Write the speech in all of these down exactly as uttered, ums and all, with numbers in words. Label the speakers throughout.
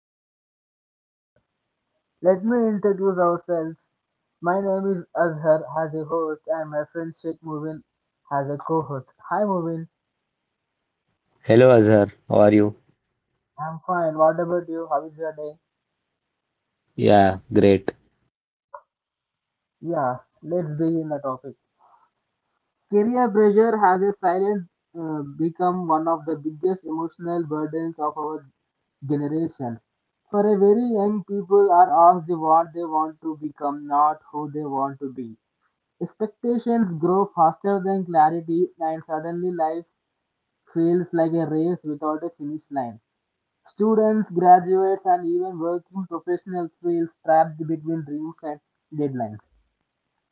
Speaker 1: pressure of career. Let me introduce ourselves. My name is Azhar as a host and my friend Sheikh Mubin as a co-host. Hi Mubin,
Speaker 2: Hello Azhar, how are you?
Speaker 1: I'm fine. What about you? How is your day?
Speaker 2: Yeah, great.
Speaker 1: Yeah, let's begin the topic. Career pressure has a silent uh, become one of the biggest emotional burdens of our generations. For a very young people are asked what they want to become, not who they want to be. Expectations grow faster than clarity, and suddenly life feels like a race without a finish line. Students, graduates, and even working professionals feel trapped between dreams and deadlines.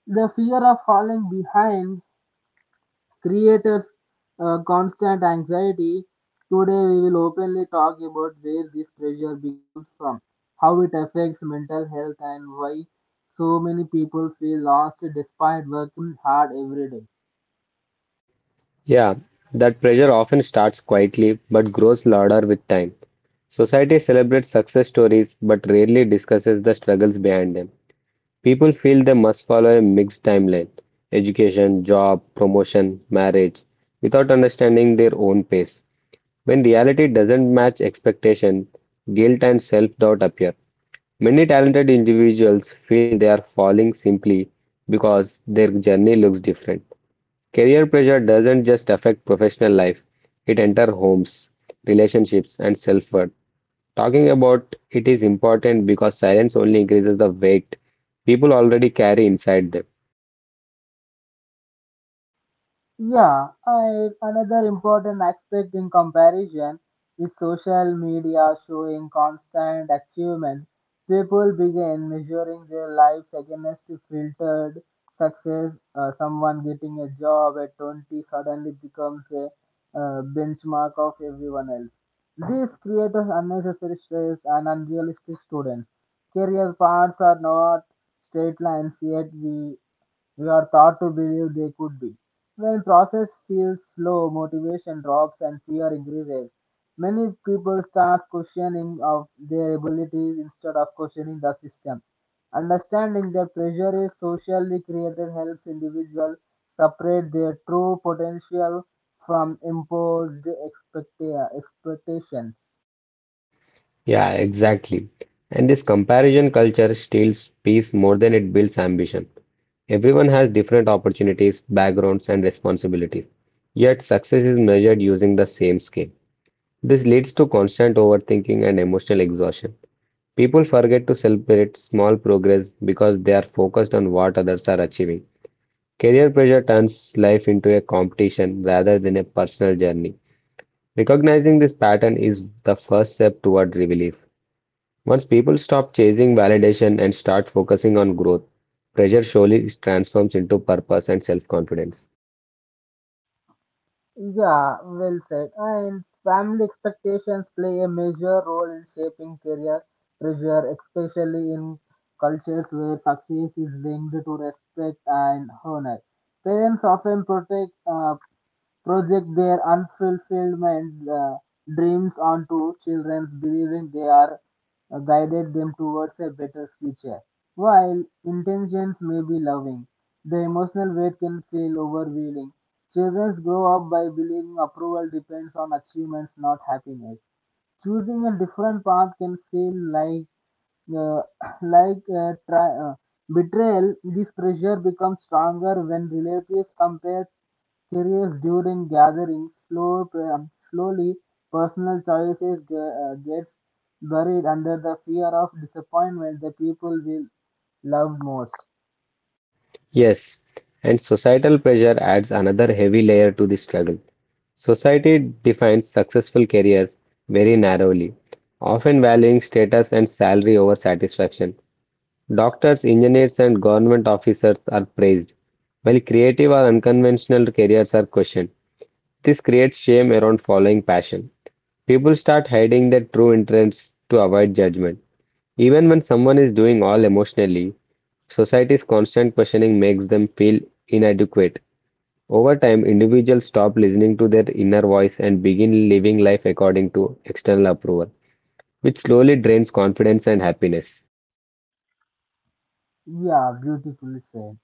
Speaker 1: The fear of falling behind creators, uh, constant anxiety. Today we will openly talk about where this pressure becomes from, how it affects mental health, and why so many people feel lost despite working hard every day.
Speaker 2: Yeah, that pressure often starts quietly but grows louder with time. Society celebrates success stories but rarely discusses the struggles behind them. People feel they must follow a mixed timeline education, job, promotion, marriage without understanding their own pace. When reality doesn't match expectation, guilt and self doubt appear. Many talented individuals feel they are falling simply because their journey looks different. Career pressure doesn't just affect professional life, it enters homes, relationships, and self-worth. Talking about it is important because silence only increases the weight people already carry inside them.
Speaker 1: Yeah, I, another important aspect in comparison is social media showing constant achievement. People begin measuring their lives against filtered success. Uh, someone getting a job at twenty suddenly becomes a, uh, benchmark of everyone else. This creates unnecessary stress and unrealistic students. Career paths are not straight lines, yet we, we are taught to believe they could be. When process feels slow, motivation drops and fear increases. Many people start questioning of their abilities instead of questioning the system. Understanding that pressure is socially created helps individuals separate their true potential from imposed expecta- expectations.
Speaker 2: Yeah, exactly. And this comparison culture steals peace more than it builds ambition. Everyone has different opportunities, backgrounds, and responsibilities. Yet success is measured using the same scale. This leads to constant overthinking and emotional exhaustion. People forget to celebrate small progress because they are focused on what others are achieving. Career pressure turns life into a competition rather than a personal journey. Recognizing this pattern is the first step toward relief. Once people stop chasing validation and start focusing on growth, pressure surely transforms into purpose and self confidence.
Speaker 1: Yeah, well said. And family expectations play a major role in shaping career pressure, especially in cultures where success is linked to respect and honor. Parents often protect uh, project their unfulfillment uh, dreams onto children, believing they are uh, guided them towards a better future. While intentions may be loving, the emotional weight can feel overwhelming. Children grow up by believing approval depends on achievements, not happiness. Choosing a different path can feel like uh, like uh, tri- uh, betrayal. This pressure becomes stronger when relatives compare careers during gatherings. Slow, pre- um, slowly personal choices ge- uh, gets buried under the fear of disappointment the people will love most.
Speaker 2: Yes, and societal pressure adds another heavy layer to the struggle. Society defines successful careers very narrowly, often valuing status and salary over satisfaction. Doctors, engineers, and government officers are praised, while creative or unconventional careers are questioned. This creates shame around following passion. People start hiding their true interests to avoid judgment. Even when someone is doing all emotionally, society's constant questioning makes them feel inadequate. Over time, individuals stop listening to their inner voice and begin living life according to external approval, which slowly drains confidence and happiness.
Speaker 1: Yeah, beautifully said.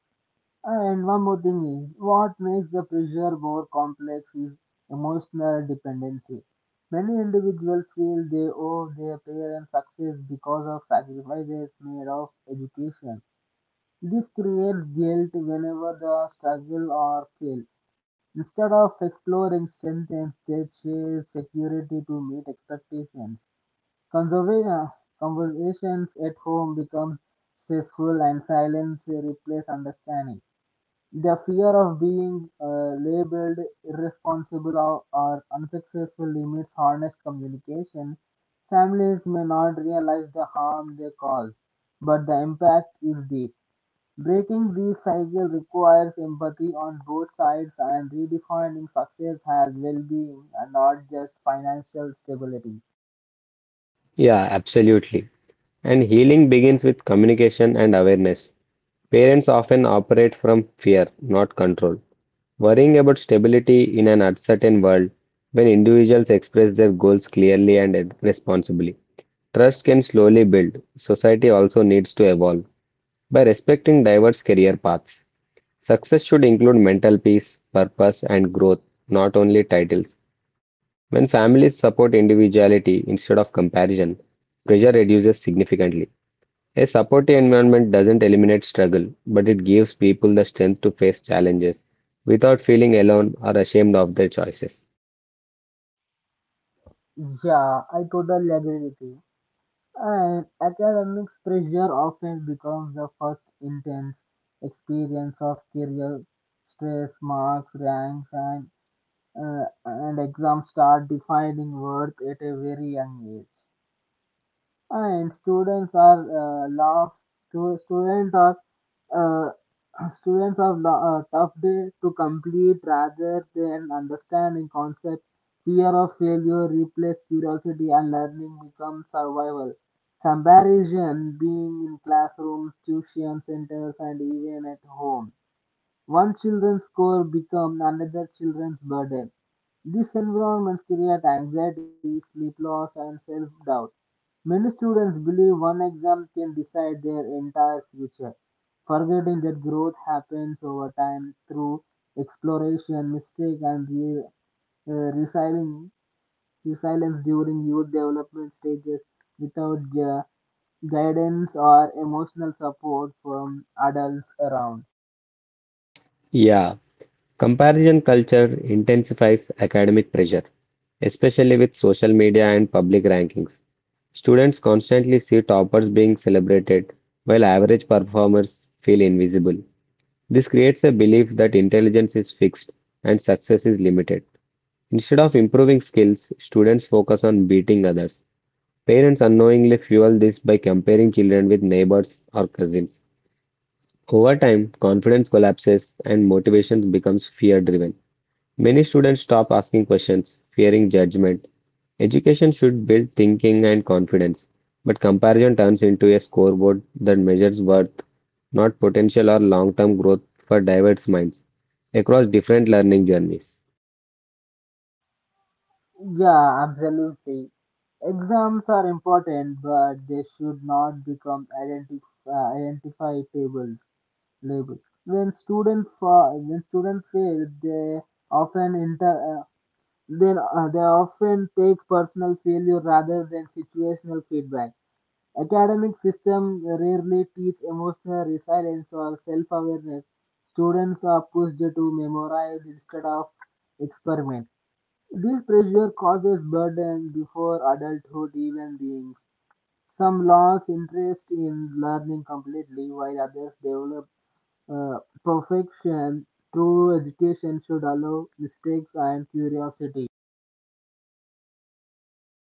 Speaker 1: And one more thing is what makes the pressure more complex is emotional dependency. Many individuals feel they owe their parents' success because of sacrifices made of education. This creates guilt whenever they struggle or fail. Instead of exploring strengths, they chase security to meet expectations. Conserva- Conversations at home become stressful and silence replaces understanding. The fear of being uh, labeled irresponsible or, or unsuccessful limits honest communication. Families may not realize the harm they cause, but the impact is deep. Breaking this cycle requires empathy on both sides and redefining success as well-being and not just financial stability.
Speaker 2: Yeah, absolutely. And healing begins with communication and awareness. Parents often operate from fear, not control. Worrying about stability in an uncertain world when individuals express their goals clearly and responsibly. Trust can slowly build. Society also needs to evolve by respecting diverse career paths. Success should include mental peace, purpose, and growth, not only titles. When families support individuality instead of comparison, pressure reduces significantly. A supportive environment doesn't eliminate struggle, but it gives people the strength to face challenges without feeling alone or ashamed of their choices.
Speaker 1: Yeah, I totally agree with you. And academic pressure often becomes the first intense experience of career stress. Marks, ranks, and uh, and exams start defining worth at a very young age. And students are uh, laugh to students are uh, students have lo- a tough day to complete rather than understanding concept. Fear of failure replaces curiosity and learning becomes survival. Comparison being in classrooms, tuition centers, and even at home, one children's score becomes another children's burden. These environments create anxiety, sleep loss, and self-doubt. Many students believe one exam can decide their entire future, forgetting that growth happens over time through exploration, mistake, and re- uh, resilience, resilience during youth development stages without uh, guidance or emotional support from adults around.
Speaker 2: Yeah, comparison culture intensifies academic pressure, especially with social media and public rankings. Students constantly see toppers being celebrated, while average performers feel invisible. This creates a belief that intelligence is fixed and success is limited. Instead of improving skills, students focus on beating others. Parents unknowingly fuel this by comparing children with neighbors or cousins. Over time, confidence collapses and motivation becomes fear driven. Many students stop asking questions, fearing judgment. Education should build thinking and confidence, but comparison turns into a scoreboard that measures worth, not potential or long-term growth for diverse minds across different learning journeys.
Speaker 1: Yeah, absolutely. Exams are important, but they should not become identif- uh, identificables label. When students fa- when students fail, they often inter- uh, then uh, they often take personal failure rather than situational feedback. Academic system rarely teach emotional resilience or self-awareness. Students are pushed to memorize instead of experiment. This pressure causes burden before adulthood even begins. Some lose interest in learning completely, while others develop uh, perfection. True education should allow mistakes and curiosity.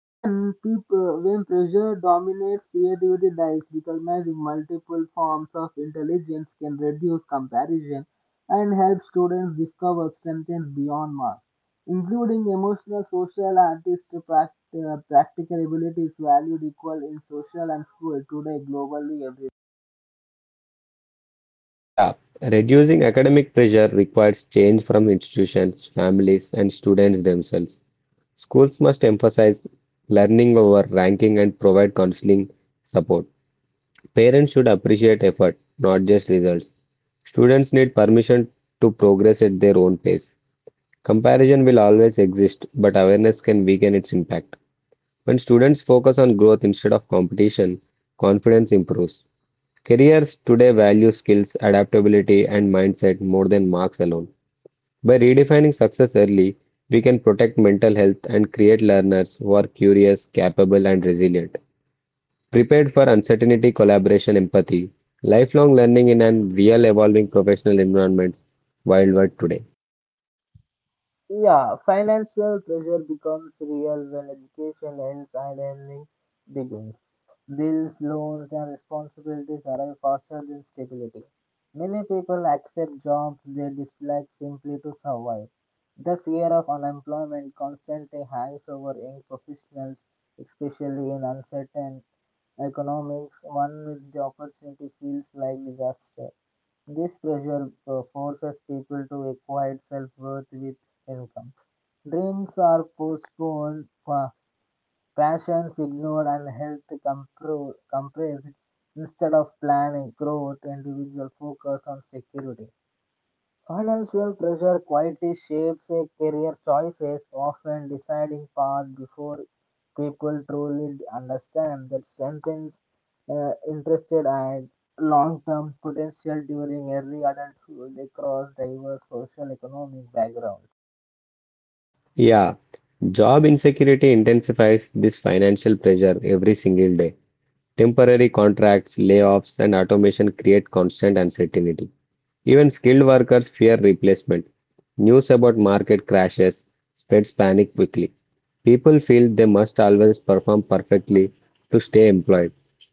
Speaker 1: When people, when pressure dominates, creativity dies. Recognizing multiple forms of intelligence can reduce comparison and help students discover strengths beyond marks, including emotional, social, artist, pract- uh, practical abilities valued equal in social and school today globally everywhere.
Speaker 2: Yeah, reducing academic pressure requires change from institutions, families, and students themselves. Schools must emphasize learning over ranking and provide counseling support. Parents should appreciate effort, not just results. Students need permission to progress at their own pace. Comparison will always exist, but awareness can weaken its impact. When students focus on growth instead of competition, confidence improves. Careers today value skills, adaptability, and mindset more than marks alone. By redefining success early, we can protect mental health and create learners who are curious, capable, and resilient. Prepared for uncertainty, collaboration, empathy, lifelong learning in an real evolving professional environment wild world today.
Speaker 1: Yeah, financial pressure becomes real when education ends and earning begins. Bills, loans, and responsibilities arrive faster than stability. Many people accept jobs they dislike simply to survive. The fear of unemployment constantly hangs over young professionals, especially in uncertain economics, one which the opportunity feels like disaster. This pressure uh, forces people to equate self worth with income. Dreams are postponed, pa- passions ignored, and health compro- compressed. Instead of planning growth, individual focus on security. Financial pressure quietly shapes a career choices, often deciding path before people truly understand the strengths, uh, interested and long-term potential during early adulthood across diverse social economic backgrounds.
Speaker 2: Yeah, job insecurity intensifies this financial pressure every single day. Temporary contracts, layoffs, and automation create constant uncertainty. Even skilled workers fear replacement. News about market crashes spreads panic quickly. People feel they must always perform perfectly to stay employed.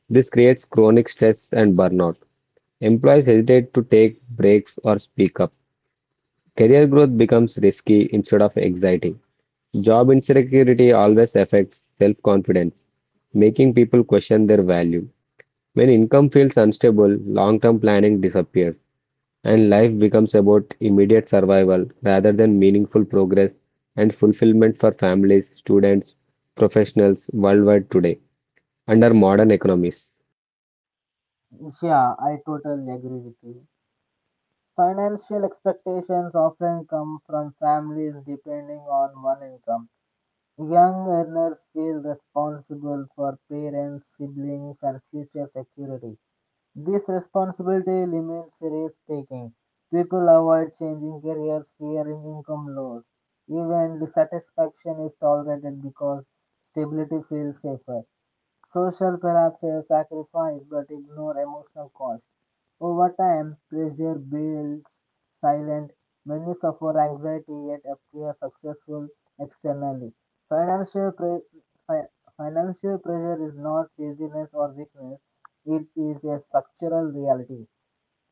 Speaker 2: This creates chronic stress and burnout. Employees hesitate to take breaks or speak up. Career growth becomes risky instead of exciting. Job insecurity always affects self confidence, making people question their value. When income feels unstable, long-term planning disappears, and life becomes about immediate survival rather than meaningful progress and fulfillment for families, students, professionals worldwide today under modern economies.
Speaker 1: Yeah, I totally agree with you. Financial expectations often come from families depending on one income. Young earners feel responsible for parents, siblings, and future security. This responsibility limits risk taking. People avoid changing careers, fearing income loss. Even dissatisfaction is tolerated because stability feels safer. Social collapses sacrifice but ignore emotional cost. Over time, pressure builds silent. Many suffer anxiety yet appear successful externally. Financial, pre- fi- Financial pressure is not laziness or weakness, it is a structural reality.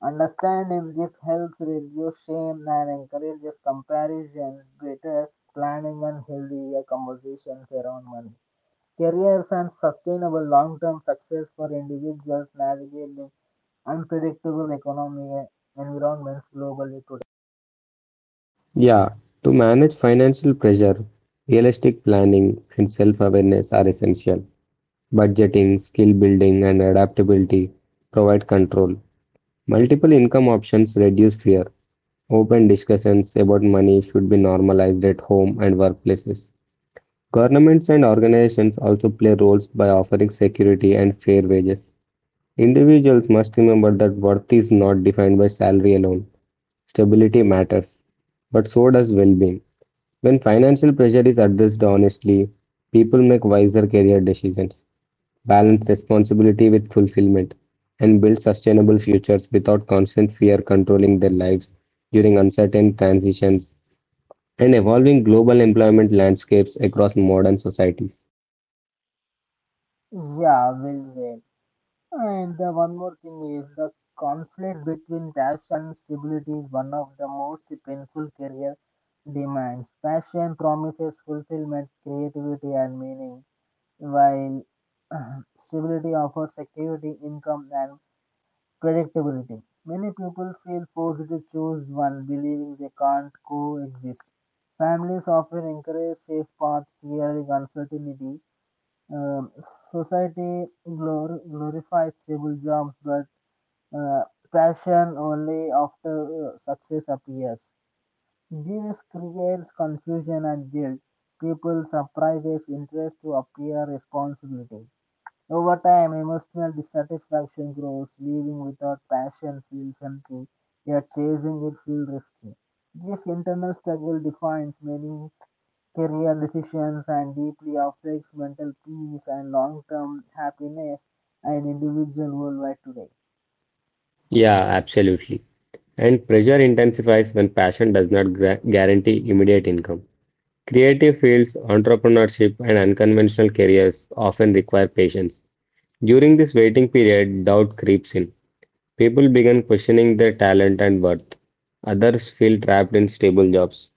Speaker 1: Understanding this helps reduce shame and encourages comparison, better planning, and healthier conversations around money. Careers and sustainable long-term success for individuals navigating unpredictable economic environments globally today.
Speaker 2: Yeah, to manage financial pressure, realistic planning and self-awareness are essential. Budgeting, skill building, and adaptability provide control. Multiple income options reduce fear. Open discussions about money should be normalized at home and workplaces. Governments and organizations also play roles by offering security and fair wages. Individuals must remember that worth is not defined by salary alone. Stability matters, but so does well being. When financial pressure is addressed honestly, people make wiser career decisions, balance responsibility with fulfillment, and build sustainable futures without constant fear controlling their lives during uncertain transitions and evolving global employment landscapes across modern societies.
Speaker 1: Yeah, well said. And the one more thing is the conflict between passion and stability is one of the most painful career demands. Passion promises fulfillment, creativity, and meaning, while stability offers security, income, and predictability. Many people feel forced to choose one, believing they can't coexist. Families often encourage safe paths, fearing uncertainty. Um, Society glor- glorifies stable jobs, but uh, passion only after uh, success appears. Genius creates confusion and guilt. People suppress interest to appear responsibility. Over time, emotional dissatisfaction grows, leaving without passion feels empty, yet chasing it feels risky. This internal struggle defines many career decisions and deeply affects mental peace and long term happiness and individual worldwide today.
Speaker 2: Yeah, absolutely. And pressure intensifies when passion does not gra- guarantee immediate income. Creative fields, entrepreneurship, and unconventional careers often require patience. During this waiting period, doubt creeps in. People begin questioning their talent and worth. Others feel trapped in stable jobs.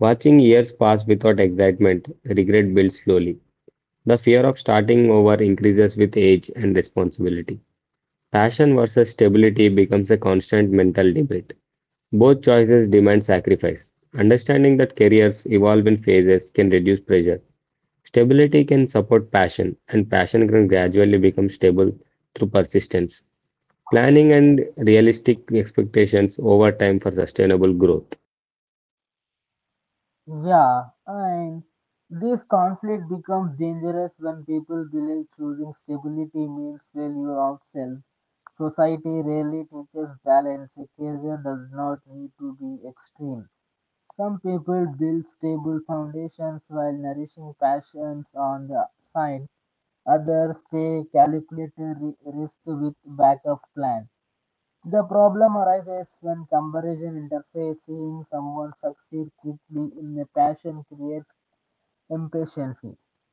Speaker 2: Watching years pass without excitement, regret builds slowly. The fear of starting over increases with age and responsibility. Passion versus stability becomes a constant mental debate. Both choices demand sacrifice. Understanding that careers evolve in phases can reduce pressure. Stability can support passion, and passion can gradually become stable through persistence. Planning and realistic expectations over time for sustainable growth.
Speaker 1: Yeah, and this conflict becomes dangerous when people believe choosing stability means failure of self. Society rarely teaches balance. A career does not need to be extreme. Some people build stable foundations while nourishing passions on the side. Others take calculated ri- risk with backup plans. The problem arises when comparison interferes. Seeing someone succeed quickly in a passion creates impatience.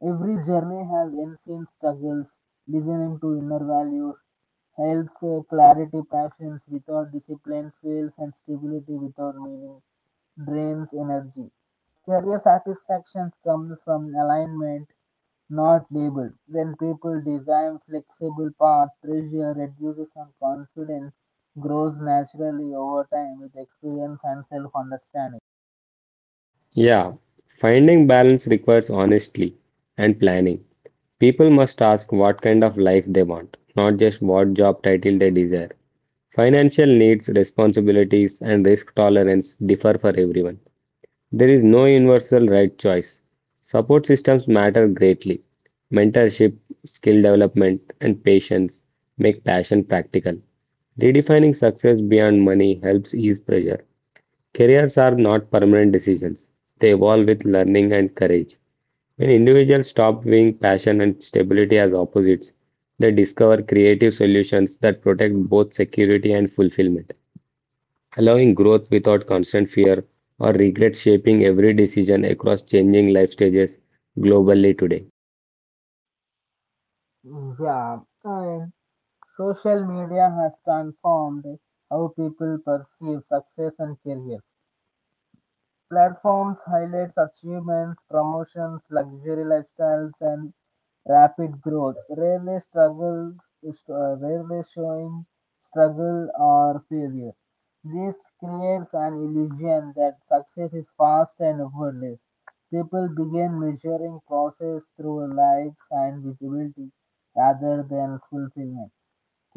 Speaker 1: Every journey has unseen struggles. Listening to inner values helps uh, clarity. Passions without discipline fails, and stability without meaning drains energy. Career satisfactions comes from alignment, not labeled. When people design flexible paths, pressure reduces and confidence grows naturally over time with experience and self understanding.
Speaker 2: Yeah, finding balance requires honesty and planning. People must ask what kind of life they want, not just what job title they desire. Financial needs, responsibilities, and risk tolerance differ for everyone. There is no universal right choice. Support systems matter greatly. Mentorship, skill development, and patience make passion practical. Redefining success beyond money helps ease pressure. Careers are not permanent decisions. They evolve with learning and courage. When individuals stop viewing passion and stability as opposites, they discover creative solutions that protect both security and fulfillment, allowing growth without constant fear or regret shaping every decision across changing life stages globally today.
Speaker 1: Yeah, and social media has transformed how people perceive success and careers. Platforms highlight achievements, promotions, luxury lifestyles, and rapid growth. Rarely struggles, uh, rarely showing struggle or failure. This creates an illusion that success is fast and effortless. People begin measuring process through likes and visibility rather than fulfillment.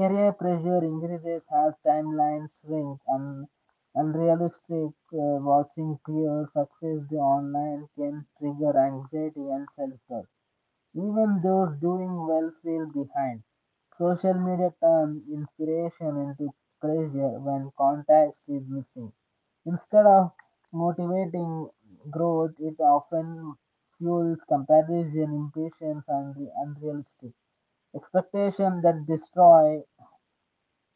Speaker 1: Career pressure increases as timelines shrink, and unrealistic, uh, watching peer success the online can trigger anxiety and self-doubt. Even those doing well feel behind. Social media turns inspiration into pressure when context is missing. Instead of motivating growth, it often fuels comparison, impatience, and unrealistic expectations that destroy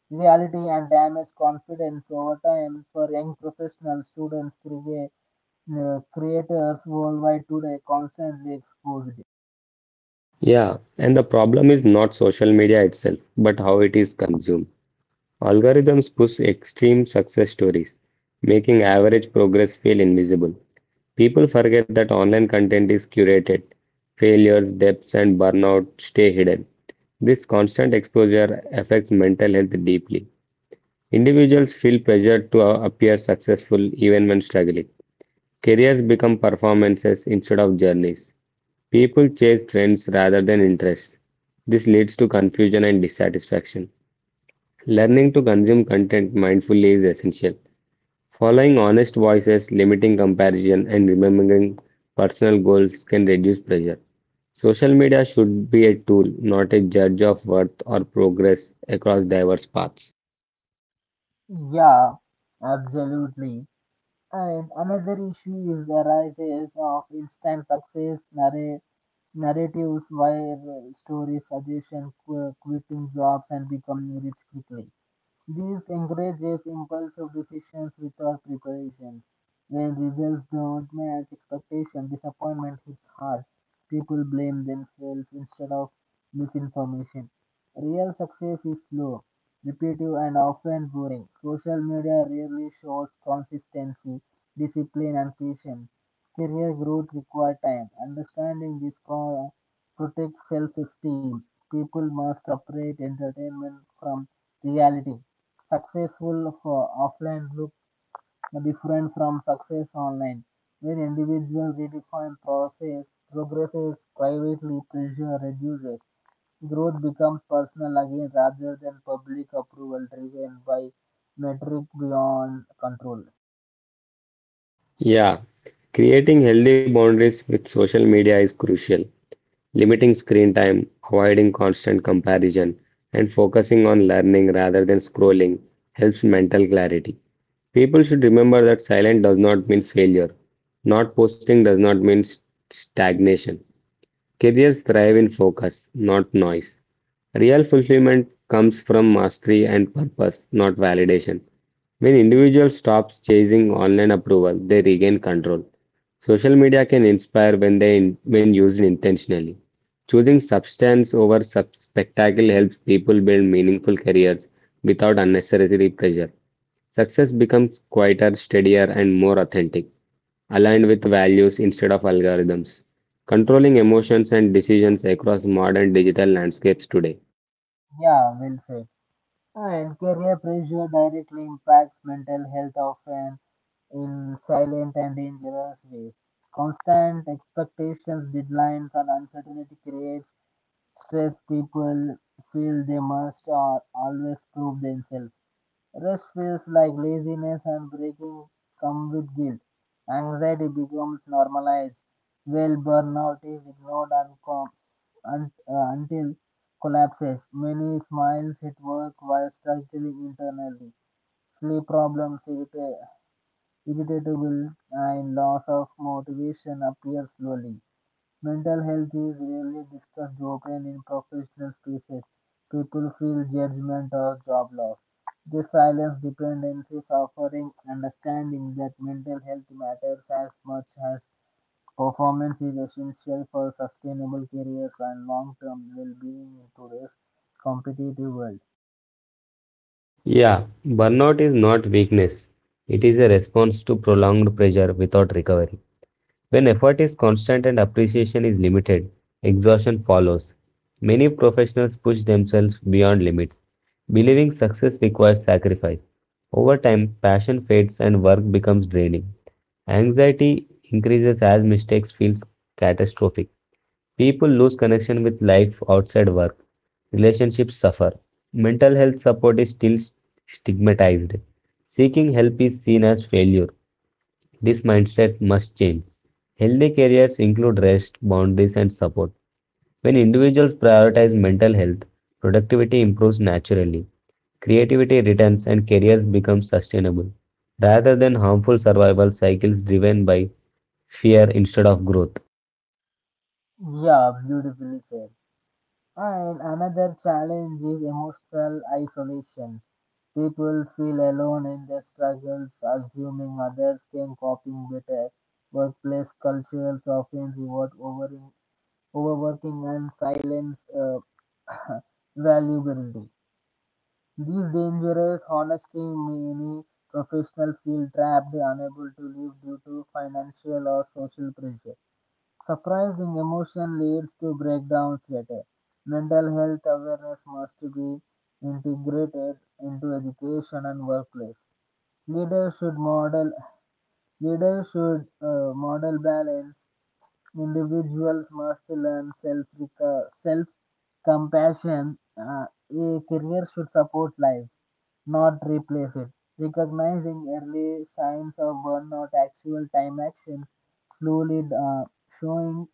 Speaker 1: reality and damage confidence over time for young professionals, students, create, uh, creators worldwide today constantly exposed.
Speaker 2: Yeah, and the problem is not social media itself, but how it is consumed. Algorithms push extreme success stories, making average progress feel invisible. People forget that online content is curated. Failures, depths, and burnout stay hidden. This constant exposure affects mental health deeply. Individuals feel pressured to appear successful even when struggling. Careers become performances instead of journeys. People chase trends rather than interests. This leads to confusion and dissatisfaction. Learning to consume content mindfully is essential. Following honest voices, limiting comparison, and remembering personal goals can reduce pressure. Social media should be a tool, not a judge of worth or progress across diverse paths.
Speaker 1: Yeah, absolutely. And another issue is the rises of instant success narra- narratives where uh, stories suggestion qu- quitting jobs and becoming rich quickly. This encourages impulsive decisions without preparation. When results don't match expectation, disappointment hits hard. People blame themselves instead of misinformation. Real success is slow, repetitive, and often boring. Social media rarely shows consistency, discipline, and patience. Career growth requires time. Understanding this co- protects self-esteem. People must separate entertainment from reality. Successful for offline look different from success online, where individuals redefine process, progresses privately, pressure reduces. Growth becomes personal again rather than public approval driven by metric beyond control.
Speaker 2: Yeah, creating healthy boundaries with social media is crucial. Limiting screen time, avoiding constant comparison, and focusing on learning rather than scrolling helps mental clarity. People should remember that silence does not mean failure. Not posting does not mean st- stagnation. Careers thrive in focus, not noise. Real fulfillment comes from mastery and purpose, not validation. When individuals stops chasing online approval, they regain control. Social media can inspire when they when used intentionally. Choosing substance over sub- spectacle helps people build meaningful careers without unnecessary pressure. Success becomes quieter, steadier, and more authentic, aligned with values instead of algorithms. Controlling emotions and decisions across modern digital landscapes today.
Speaker 1: Yeah, well said. And career pressure directly impacts mental health often in silent and dangerous ways. Constant expectations, deadlines, and uncertainty creates stressed people feel they must uh, always prove themselves. Rest feels like laziness and breaking come with guilt. Anxiety becomes normalized. Well, burnout is ignored and com- un- uh, until collapses. Many smiles at work while struggling internally. Sleep problems, irrita- irritability, and loss of motivation appear slowly. Mental health is rarely discussed openly in professional spaces. People feel judgment or job loss. They silence dependencies, offering understanding that mental health matters as much as performance is essential for sustainable careers and long term well being in today's competitive world.
Speaker 2: Yeah, burnout is not weakness. It is a response to prolonged pressure without recovery. When effort is constant and appreciation is limited, exhaustion follows. Many professionals push themselves beyond limits, believing success requires sacrifice. Over time, passion fades and work becomes draining. Anxiety increases as mistakes feel catastrophic. People lose connection with life outside work, relationships suffer, mental health support is still stigmatized, seeking help is seen as failure. This mindset must change. Healthy careers include rest, boundaries, and support. When individuals prioritize mental health, productivity improves naturally, creativity returns, and careers become sustainable rather than harmful survival cycles driven by fear instead of growth.
Speaker 1: Yeah, beautifully said. And another challenge is emotional isolation. People feel alone in their struggles, assuming others can coping better. Workplace cultures often reward overing, overworking and silence uh, valuability. These dangerous honesty many professionals feel trapped, unable to live due to financial or social pressure. Surprising emotion leads to breakdowns later. Mental health awareness must be integrated into education and workplace. Leaders should model Leaders should uh, model balance. Individuals must learn self self compassion. Uh, a career should support life, not replace it. Recognizing early signs of burnout, actual time action, slowly uh, showing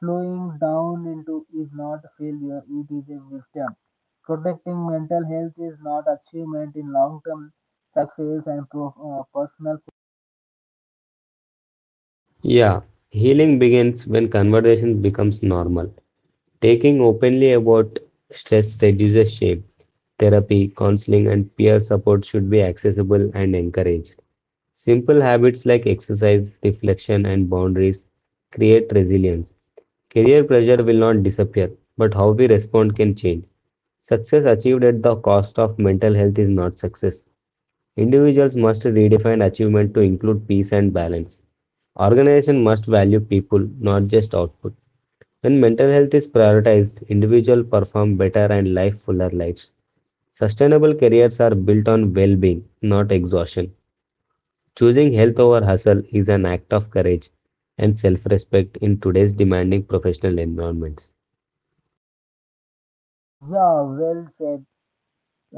Speaker 1: Slowing down into is not a failure, it is a wisdom. Protecting mental health is not achievement in long-term success and pro- uh, personal.
Speaker 2: Yeah, healing begins when conversation becomes normal. Taking openly about stress reduces shame. Therapy, counseling, and peer support should be accessible and encouraged. Simple habits like exercise, reflection, and boundaries create resilience. Career pressure will not disappear, but how we respond can change. Success achieved at the cost of mental health is not success. Individuals must redefine achievement to include peace and balance. Organization must value people, not just output. When mental health is prioritized, individuals perform better and live fuller lives. Sustainable careers are built on well-being, not exhaustion. Choosing health over hustle is an act of courage and self-respect in today's demanding professional environments.
Speaker 1: Yeah, well said.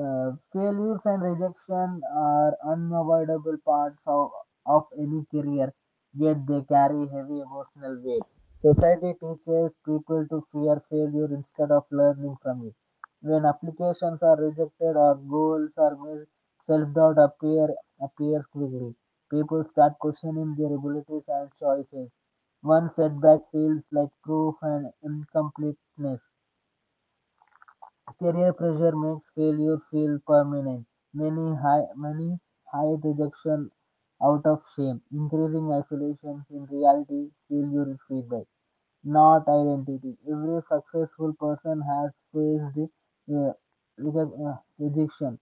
Speaker 1: Uh, failures and rejection are unavoidable parts of, of any career, yet they carry heavy emotional weight. Society teaches people to fear failure instead of learning from it. When applications are rejected or goals are missed, self-doubt appear, appears quickly. People start questioning their abilities and choices. One setback feels like proof and incompleteness. Career pressure makes failure feel permanent. Many high, many hide rejection out of shame, increasing isolation. In reality, failure is feedback, not identity. Every successful person has faced uh, reje- uh, rejection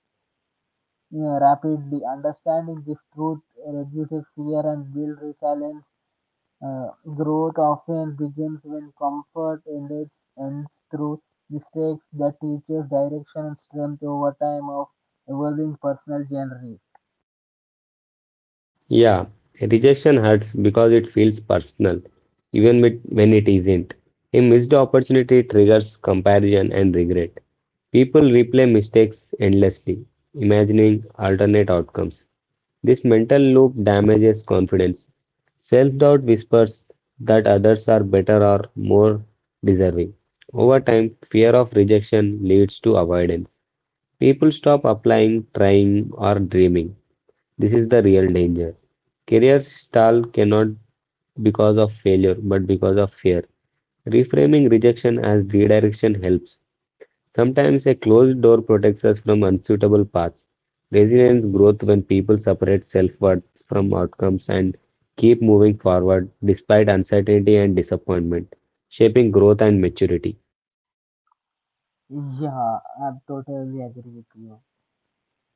Speaker 1: uh, rapidly. Understanding this truth reduces fear and builds resilience. Uh, growth often begins when comfort ended ends through mistakes that teaches direction and strength over time of evolving personal journey.
Speaker 2: Yeah, rejection hurts because it feels personal, even with- when it isn't. A missed opportunity triggers comparison and regret. People replay mistakes endlessly, imagining alternate outcomes. This mental loop damages confidence. Self doubt whispers that others are better or more deserving. Over time, fear of rejection leads to avoidance. People stop applying, trying, or dreaming. This is the real danger. Careers stall cannot because of failure, but because of fear. Reframing rejection as redirection helps. Sometimes a closed door protects us from unsuitable paths. Resilience grows when people separate self worth from outcomes and keep moving forward despite uncertainty and disappointment, shaping growth and maturity.
Speaker 1: Yeah, I totally agree with you.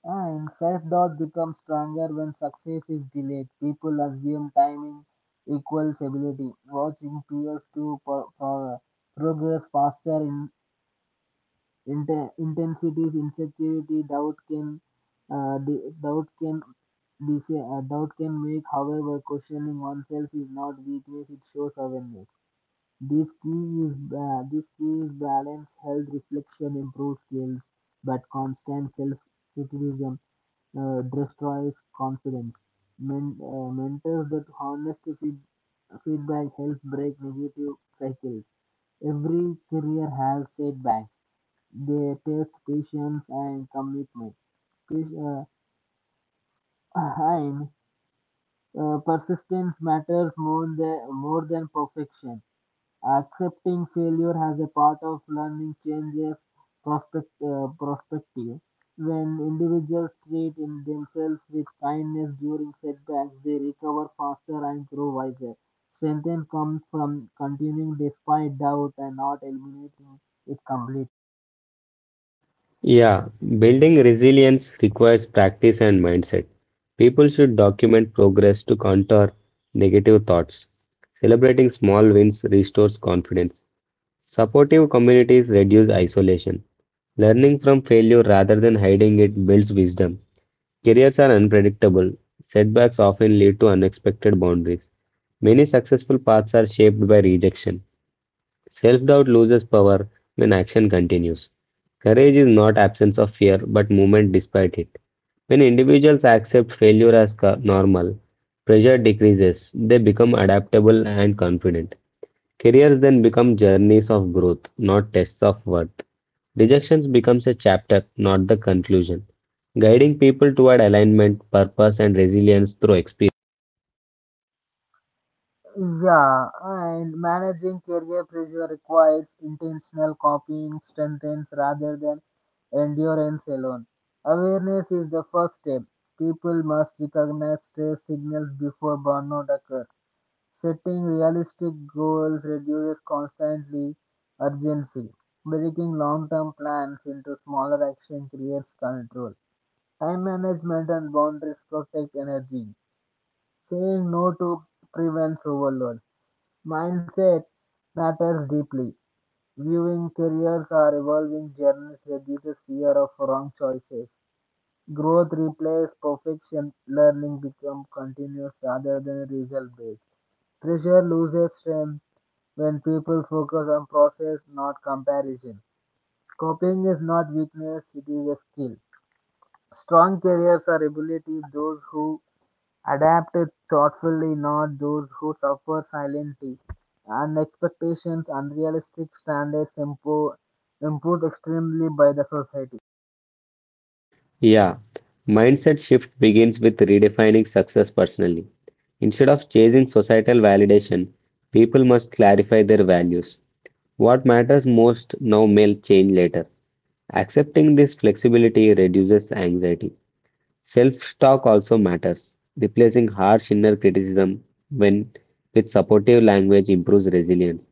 Speaker 1: And self-doubt becomes stronger when success is delayed. People assume timing equals ability, watching peers to pro- pro- progress faster Inter- intensities, insecurity, doubt can uh, the doubt can this uh, doubt can make, however, questioning oneself is not weakness; it shows awareness. This key is uh, this key is balance, health, reflection, improves skills, but constant self-criticism uh, destroys confidence. Men, uh, mentors that honest feed, feedback helps break negative cycles. Every career has setbacks they test patience and commitment. Pis- uh, and uh, persistence matters more than, more than perfection. Accepting failure as a part of learning changes prospect, uh, perspective. When individuals treat in themselves with kindness during setbacks, they recover faster and grow wiser. Strength comes from continuing despite doubt and not eliminating it completely.
Speaker 2: Yeah, building resilience requires practice and mindset. People should document progress to counter negative thoughts. Celebrating small wins restores confidence. Supportive communities reduce isolation. Learning from failure rather than hiding it builds wisdom. Careers are unpredictable. Setbacks often lead to unexpected boundaries. Many successful paths are shaped by rejection. Self doubt loses power when action continues. Courage is not absence of fear but movement despite it. When individuals accept failure as co- normal, pressure decreases, they become adaptable and confident. Careers then become journeys of growth, not tests of worth. Rejections becomes a chapter, not the conclusion, guiding people toward alignment, purpose and resilience through experience.
Speaker 1: Yeah, and managing career pressure requires intentional copying strengthens rather than endurance alone. Awareness is the first step. People must recognize stress signals before burnout occurs. Setting realistic goals reduces constantly urgency. Breaking long-term plans into smaller actions creates control. Time management and boundaries protect energy. Saying no to prevents overload. Mindset matters deeply. Viewing careers are evolving journeys reduces fear of wrong choices. Growth replaces perfection. Learning becomes continuous rather than result based. Pressure loses strength when people focus on process, not comparison. Coping is not weakness, it is a skill. Strong careers are ability those who Adapted thoughtfully, not those who suffer silently. And expectations, unrealistic standards impo- imposed extremely by the society.
Speaker 2: Yeah, mindset shift begins with redefining success personally. Instead of chasing societal validation, people must clarify their values. What matters most now may change later. Accepting this flexibility reduces anxiety. Self-talk also matters. Replacing harsh inner criticism when with supportive language improves resilience.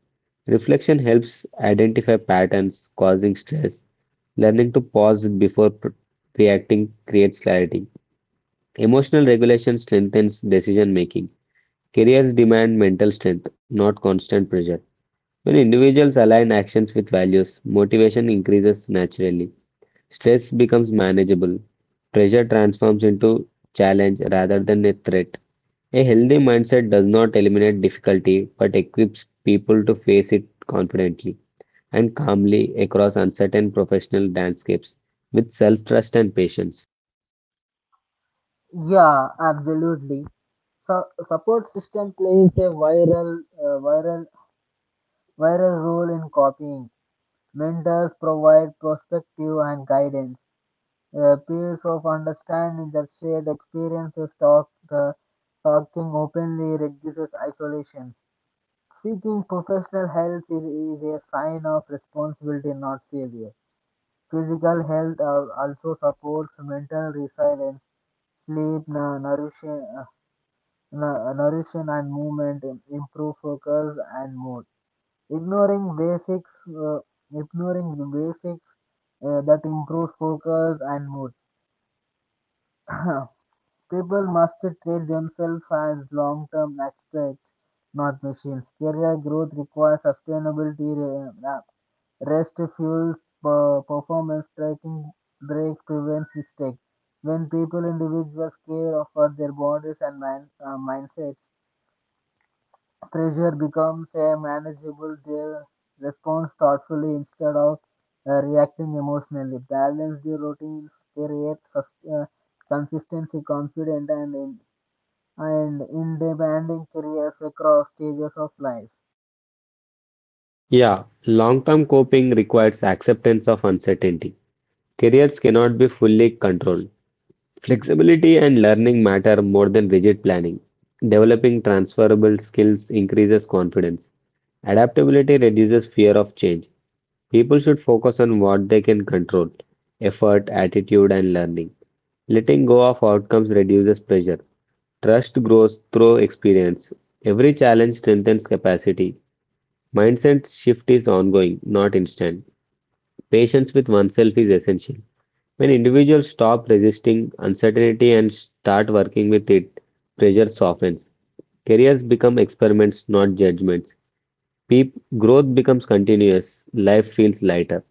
Speaker 2: Reflection helps identify patterns causing stress. Learning to pause before pr- reacting creates clarity. Emotional regulation strengthens decision making. Careers demand mental strength, not constant pressure. When individuals align actions with values, motivation increases naturally. Stress becomes manageable. Pressure transforms into challenge rather than a threat. A healthy mindset does not eliminate difficulty but equips people to face it confidently and calmly across uncertain professional landscapes with self trust and patience.
Speaker 1: Yeah, absolutely. So support system plays a viral, uh, viral, viral role in copying. Mentors provide perspective and guidance. Uh, peers of understanding their shared experiences talk, uh, talking openly reduces isolation. Seeking professional help is is a sign of responsibility, not failure. Physical health al- also supports mental resilience. Sleep, nu- nourishing, uh, nu- uh, nourishing and movement im- improve focus and mood. Ignoring basics, uh, ignoring the basics uh, that improves focus and mood. People must treat themselves as long-term experts, not machines. Career growth requires sustainability. uh, Rest fuels per- performance, tracking break prevents mistakes. When people, individuals care for their bodies and mind, uh, mindsets, pressure becomes a manageable. They respond thoughtfully instead of uh, reacting emotionally. Balance the routines, create sus- uh, consistency, Confident and in, and in demanding careers across stages of life.
Speaker 2: Yeah, long term coping requires acceptance of uncertainty. Careers cannot be fully controlled. Flexibility and learning matter more than rigid planning. Developing transferable skills increases confidence. Adaptability reduces fear of change. People should focus on what they can control: effort, attitude, and learning. Letting go of outcomes reduces pressure. Trust grows through experience. Every challenge strengthens capacity. Mindset shift is ongoing, not instant. Patience with oneself is essential. When individuals stop resisting uncertainty and start working with it, pressure softens. Careers become experiments, not judgments. Peop Growth becomes continuous, life feels lighter.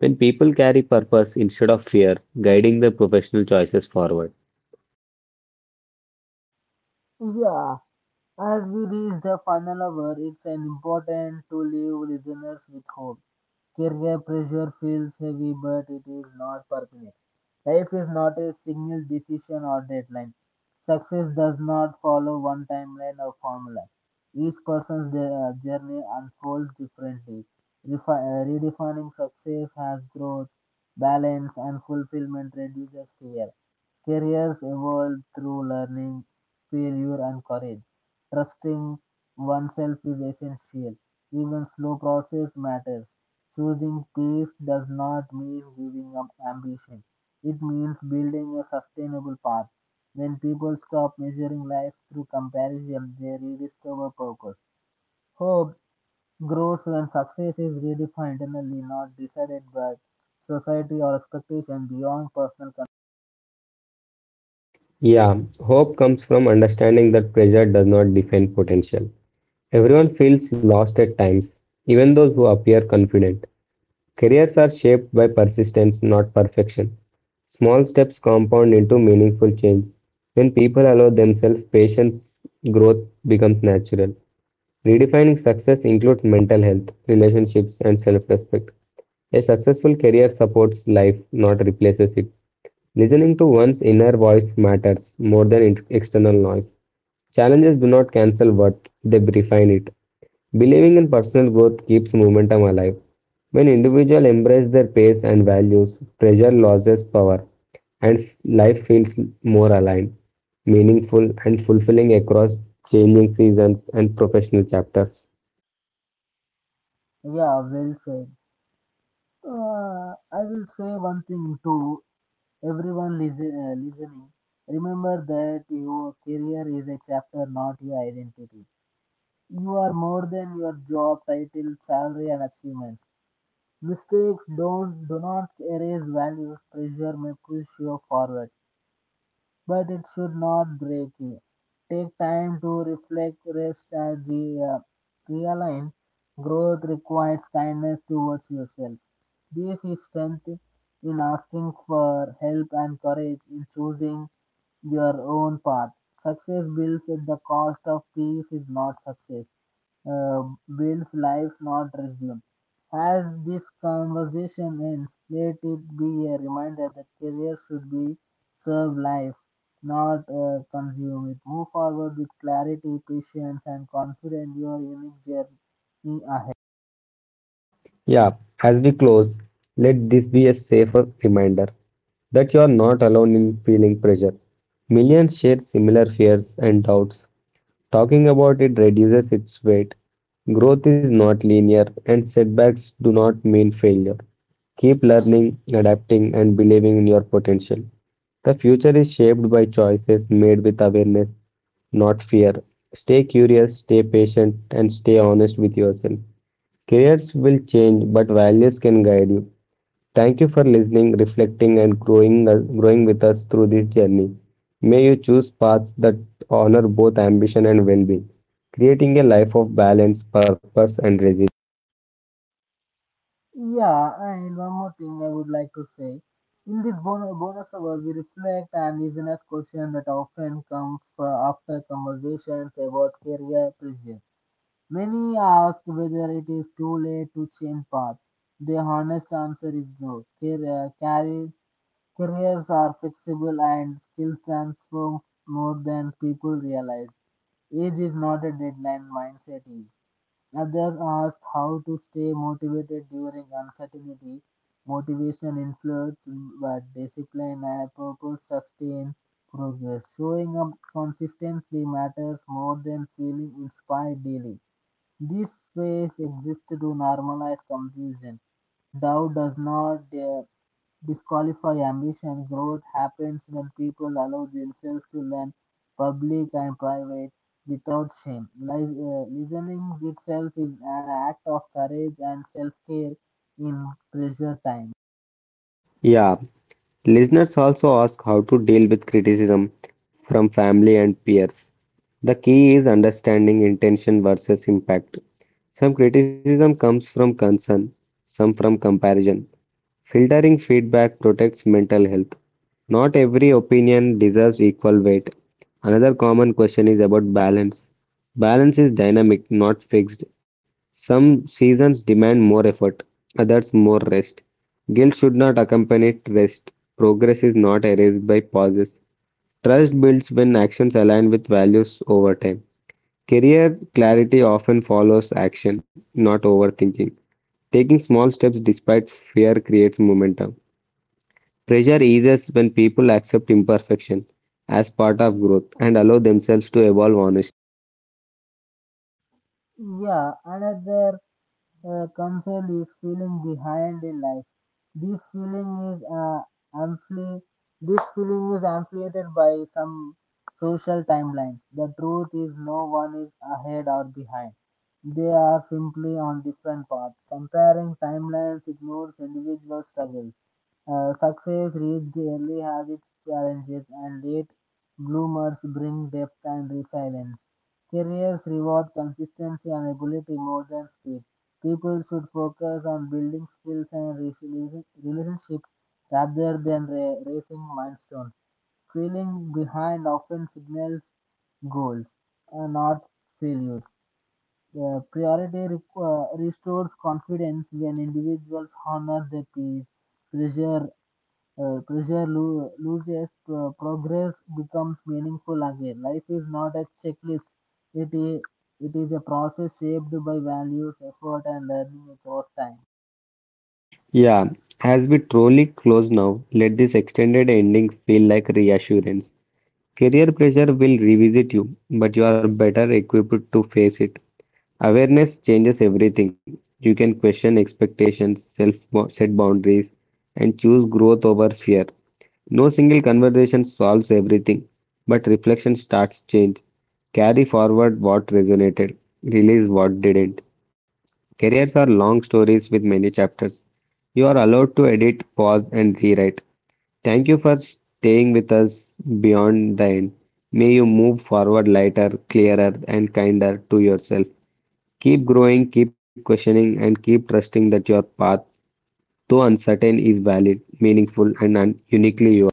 Speaker 2: When people carry purpose instead of fear, guiding their professional choices forward.
Speaker 1: Yeah, as we reach the final hour, it's an important to leave listeners with hope. Career pressure feels heavy, but it is not permanent. Life is not a single decision or deadline. Success does not follow one timeline or formula. Each person's de- uh, journey unfolds differently. Refi- uh, redefining success has growth, balance, and fulfillment reduces fear. Careers evolve through learning, failure, and courage. Trusting oneself is essential. Even slow process matters. Choosing peace does not mean giving up ambition. It means building a sustainable path. When people stop measuring life through comparison, they rediscover purpose. Hope grows when success is redefined internally, not decided by society or expectation beyond personal control.
Speaker 2: Yeah, hope comes from understanding that pressure does not define potential. Everyone feels lost at times, even those who appear confident. Careers are shaped by persistence, not perfection. Small steps compound into meaningful change. When people allow themselves patience, growth becomes natural. Redefining success includes mental health, relationships, and self respect. A successful career supports life, not replaces it. Listening to one's inner voice matters more than int- external noise. Challenges do not cancel worth, they refine it. Believing in personal growth keeps momentum alive. When individuals embrace their pace and values, pressure loses power and f- life feels more aligned, meaningful, and fulfilling across changing seasons and professional chapters.
Speaker 1: Yeah, well said. Uh, I will say one thing to everyone listen, uh, listening. Remember that your career is a chapter, not your identity. You are more than your job title, salary, and achievements. Mistakes don't do not erase values. Pressure may push you forward, but it should not break you. Take time to reflect, rest, and re- uh, realign. Growth requires kindness towards yourself. This is strength in asking for help and courage in choosing your own path. Success built at the cost of peace is not success uh, builds life, not resume. As this conversation ends, let it be a reminder that career should be serve life, not uh, consume it. Move forward with clarity, patience, and confidence your unique journey ahead.
Speaker 2: Yeah, as we close, let this be a safer reminder that you are not alone in feeling pressure. Millions share similar fears and doubts. Talking about it reduces its weight. Growth is not linear, and setbacks do not mean failure. Keep learning, adapting, and believing in your potential. The future is shaped by choices made with awareness, not fear. Stay curious, stay patient, and stay honest with yourself. Careers will change, but values can guide you. Thank you for listening, reflecting, and growing, uh, growing with us through this journey. May you choose paths that honor both ambition and well being, creating a life of balance, purpose, and resilience.
Speaker 1: Yeah, and one more thing I would like to say. In this bonus, bonus hour, we reflect and listen as questions that often comes uh, after conversations about career pressure. Many asked whether it is too late to change path. The honest answer is no. Car- carri- Careers are flexible and skills transform more than people realize. Age is not a deadline, mindset is. Others asked how to stay motivated during uncertainty. Motivation influence, but discipline and purpose sustain progress. Showing up consistently matters more than feeling inspired daily. This space exists to normalize confusion. Doubt does not uh, disqualify ambition. Growth happens when people allow themselves to learn public and private without shame. Li- uh, listening itself is an act of courage and self care in pressure time.
Speaker 2: Yeah, listeners also ask how to deal with criticism from family and peers. The key is understanding intention versus impact. Some criticism comes from concern, some from comparison. Filtering feedback protects mental health. Not every opinion deserves equal weight. Another common question is about balance. Balance is dynamic, not fixed. Some seasons demand more effort, others more rest. Guilt should not accompany rest. Progress is not erased by pauses. Trust builds when actions align with values over time. Career clarity often follows action, not overthinking. Taking small steps despite fear creates momentum. Pressure eases when people accept imperfection as part of growth and allow themselves to evolve honestly.
Speaker 1: Yeah, another uh, concern is feeling behind in life. This feeling is uh, ampli- this feeling is amplified by some social timeline. The truth is no one is ahead or behind. They are simply on different paths. Comparing timelines ignores individual struggles. Uh, success reached early has its challenges, and late bloomers bring depth and resilience. Careers reward consistency and ability more than speed. People should focus on building skills and resolu- relationships rather than ra- racing milestones. Feeling behind often signals goals, uh, not failures. The priority re- uh, restores confidence when individuals honor their peers, pressure uh, pressure lo- loses, pro- progress becomes meaningful again. Life is not a checklist, it is, it is a process shaped by values, effort, and learning across time.
Speaker 2: Yeah, as we truly close now, let this extended ending feel like reassurance. Career pressure will revisit you, but you are better equipped to face it. Awareness changes everything. You can question expectations, self set boundaries, and choose growth over fear. No single conversation solves everything, but reflection starts change. Carry forward what resonated, release what didn't. Careers are long stories with many chapters. You are allowed to edit, pause, and rewrite. Thank you for staying with us beyond the end. May you move forward lighter, clearer, and kinder to yourself. Keep growing, keep questioning, and keep trusting that your path, though uncertain, is valid, meaningful, and un- uniquely yours.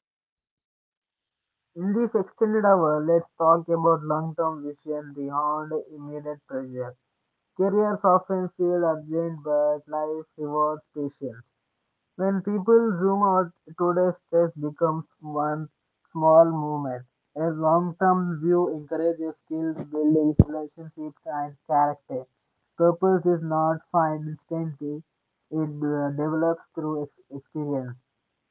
Speaker 1: In this extended hour, let's talk about long term vision beyond immediate pressure. Careers often feel urgent, but life rewards patience. When people zoom out, today's stress becomes one small movement. A long-term view encourages skills building, relationships, and character. Purpose is not found instantly; it uh, develops through ex- experience.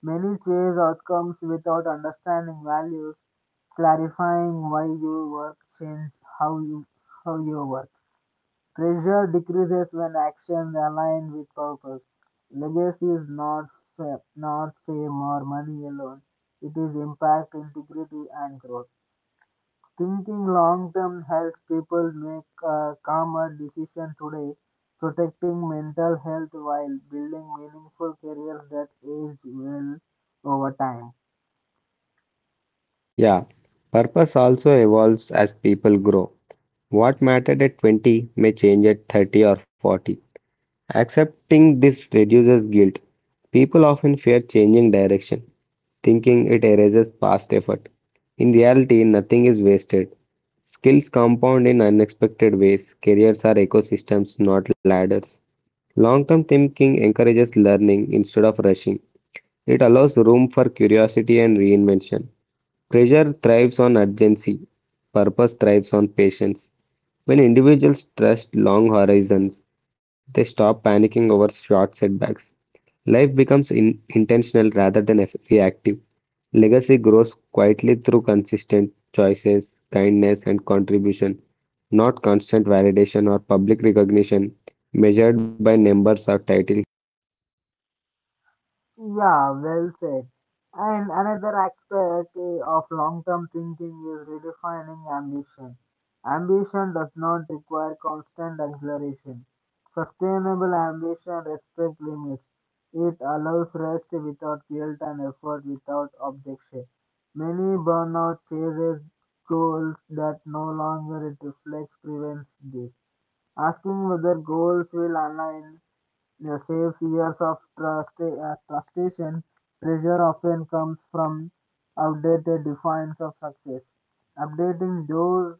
Speaker 1: Many chase outcomes without understanding values. Clarifying why you work changes how you how you work. Pressure decreases when actions align with purpose. Legacy is not fa- not fame or money alone. It is impact, integrity, and growth. Thinking long term helps people make a calmer decision today, protecting mental health while building meaningful careers that age well over time.
Speaker 2: Yeah, purpose also evolves as people grow. What mattered at twenty may change at thirty or forty. Accepting this reduces guilt. People often fear changing direction, thinking it erases past effort. In reality, nothing is wasted. Skills compound in unexpected ways. Careers are ecosystems, not ladders. Long term thinking encourages learning instead of rushing. It allows room for curiosity and reinvention. Pressure thrives on urgency, purpose thrives on patience. When individuals trust long horizons, they stop panicking over short setbacks. Life becomes in- intentional rather than eff- reactive. Legacy grows quietly through consistent choices, kindness, and contribution, not constant validation or public recognition measured by numbers or titles.
Speaker 1: Yeah, well said. And another aspect eh, of long term thinking is redefining ambition. Ambition does not require constant acceleration. Sustainable ambition respects limits. It allows rest without guilt and effort without objection. Many burnout chases goals that no longer it reflects prevents this. Asking whether goals will align the safe years of trustee- uh, trusteeship pressure often comes from outdated definitions of success. Updating those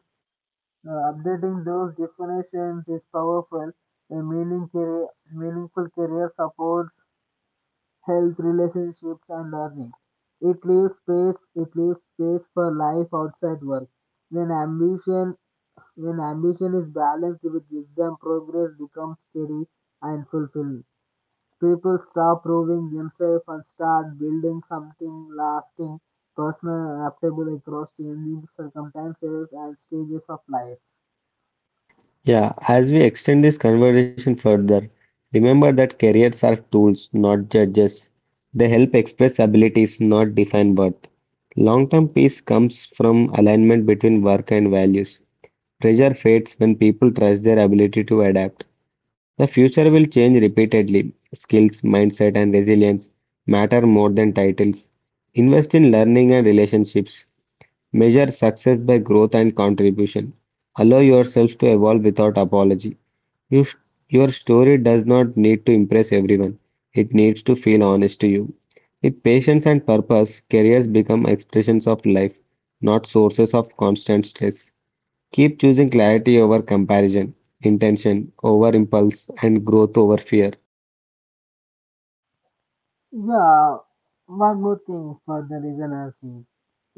Speaker 1: uh, updating those definitions is powerful. A meaning career, meaningful career supports health, relationships, and learning. It leaves space. It leaves space for life outside work. When ambition when ambition is balanced with wisdom, progress becomes steady and fulfilling. People stop proving themselves and start building something lasting, personal and adaptable across changing circumstances and stages of life.
Speaker 2: Yeah, as we extend this conversation further, remember that careers are tools, not judges. They help express abilities, not define worth. Long term peace comes from alignment between work and values. Pressure fades when people trust their ability to adapt. The future will change repeatedly. Skills, mindset, and resilience matter more than titles. Invest in learning and relationships. Measure success by growth and contribution. Allow yourself to evolve without apology. You sh- your story does not need to impress everyone, it needs to feel honest to you. With patience and purpose, careers become expressions of life, not sources of constant stress. Keep choosing clarity over comparison, intention over impulse, and growth over fear.
Speaker 1: Yeah, one more thing for the listeners is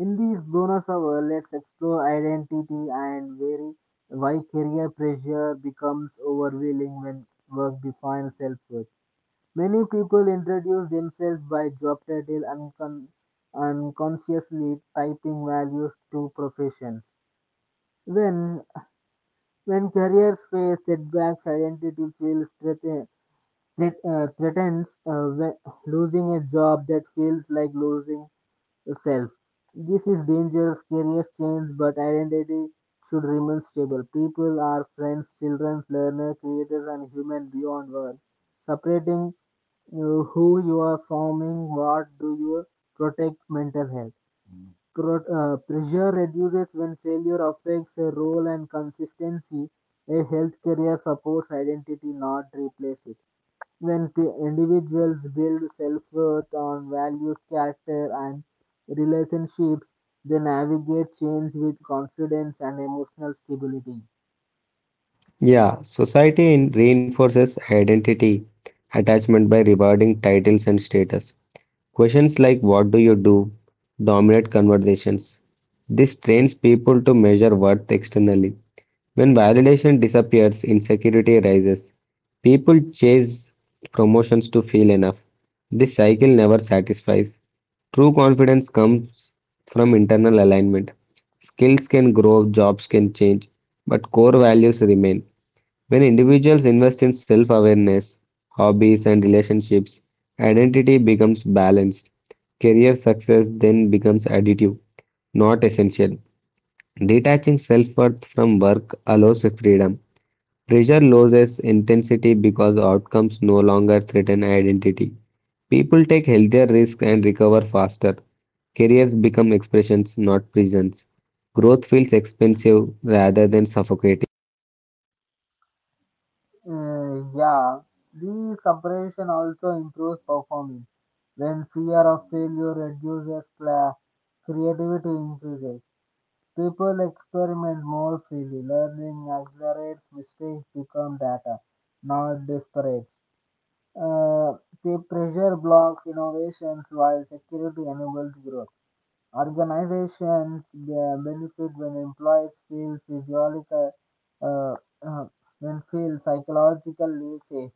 Speaker 1: in these bonus hour, let's explore identity and very why career pressure becomes overwhelming when work defines self worth. Many people introduce themselves by job title and con- unconsciously typing values to professions. When when careers face setbacks, identity feels threaten, threat, uh, threatens. Uh, when- losing a job that feels like losing self. This is dangerous. Careers change, but identity should remain stable. People are friends, children, learners, creators, and human beyond work. Separating uh, who you are forming, what do you protect mental health. Pro- uh, pressure reduces when failure affects a role and consistency. A health career supports identity, not replace it. When p- individuals build self worth on values, character, and relationships, they navigate change with confidence and emotional stability.
Speaker 2: Yeah, society in- reinforces identity attachment by rewarding titles and status. Questions like what do you do dominate conversations. This trains people to measure worth externally. When validation disappears, insecurity rises. People chase promotions to feel enough. This cycle never satisfies. True confidence comes from internal alignment. Skills can grow, jobs can change, but core values remain. When individuals invest in self awareness, hobbies, and relationships, identity becomes balanced. Career success then becomes additive, not essential. Detaching self worth from work allows freedom. Pressure loses intensity because outcomes no longer threaten identity. People take healthier risks and recover faster. Careers become expressions, not prisons. Growth feels expensive rather than suffocating.
Speaker 1: Uh, yeah, the separation also improves performance. When fear of failure reduces, cla- creativity increases. People experiment more freely. Learning accelerates, mistakes become data, not disparates. Uh, the pressure blocks innovations while security enables growth. Organizations uh, benefit when employees feel physiological, uh, uh, when feel psychologically safe.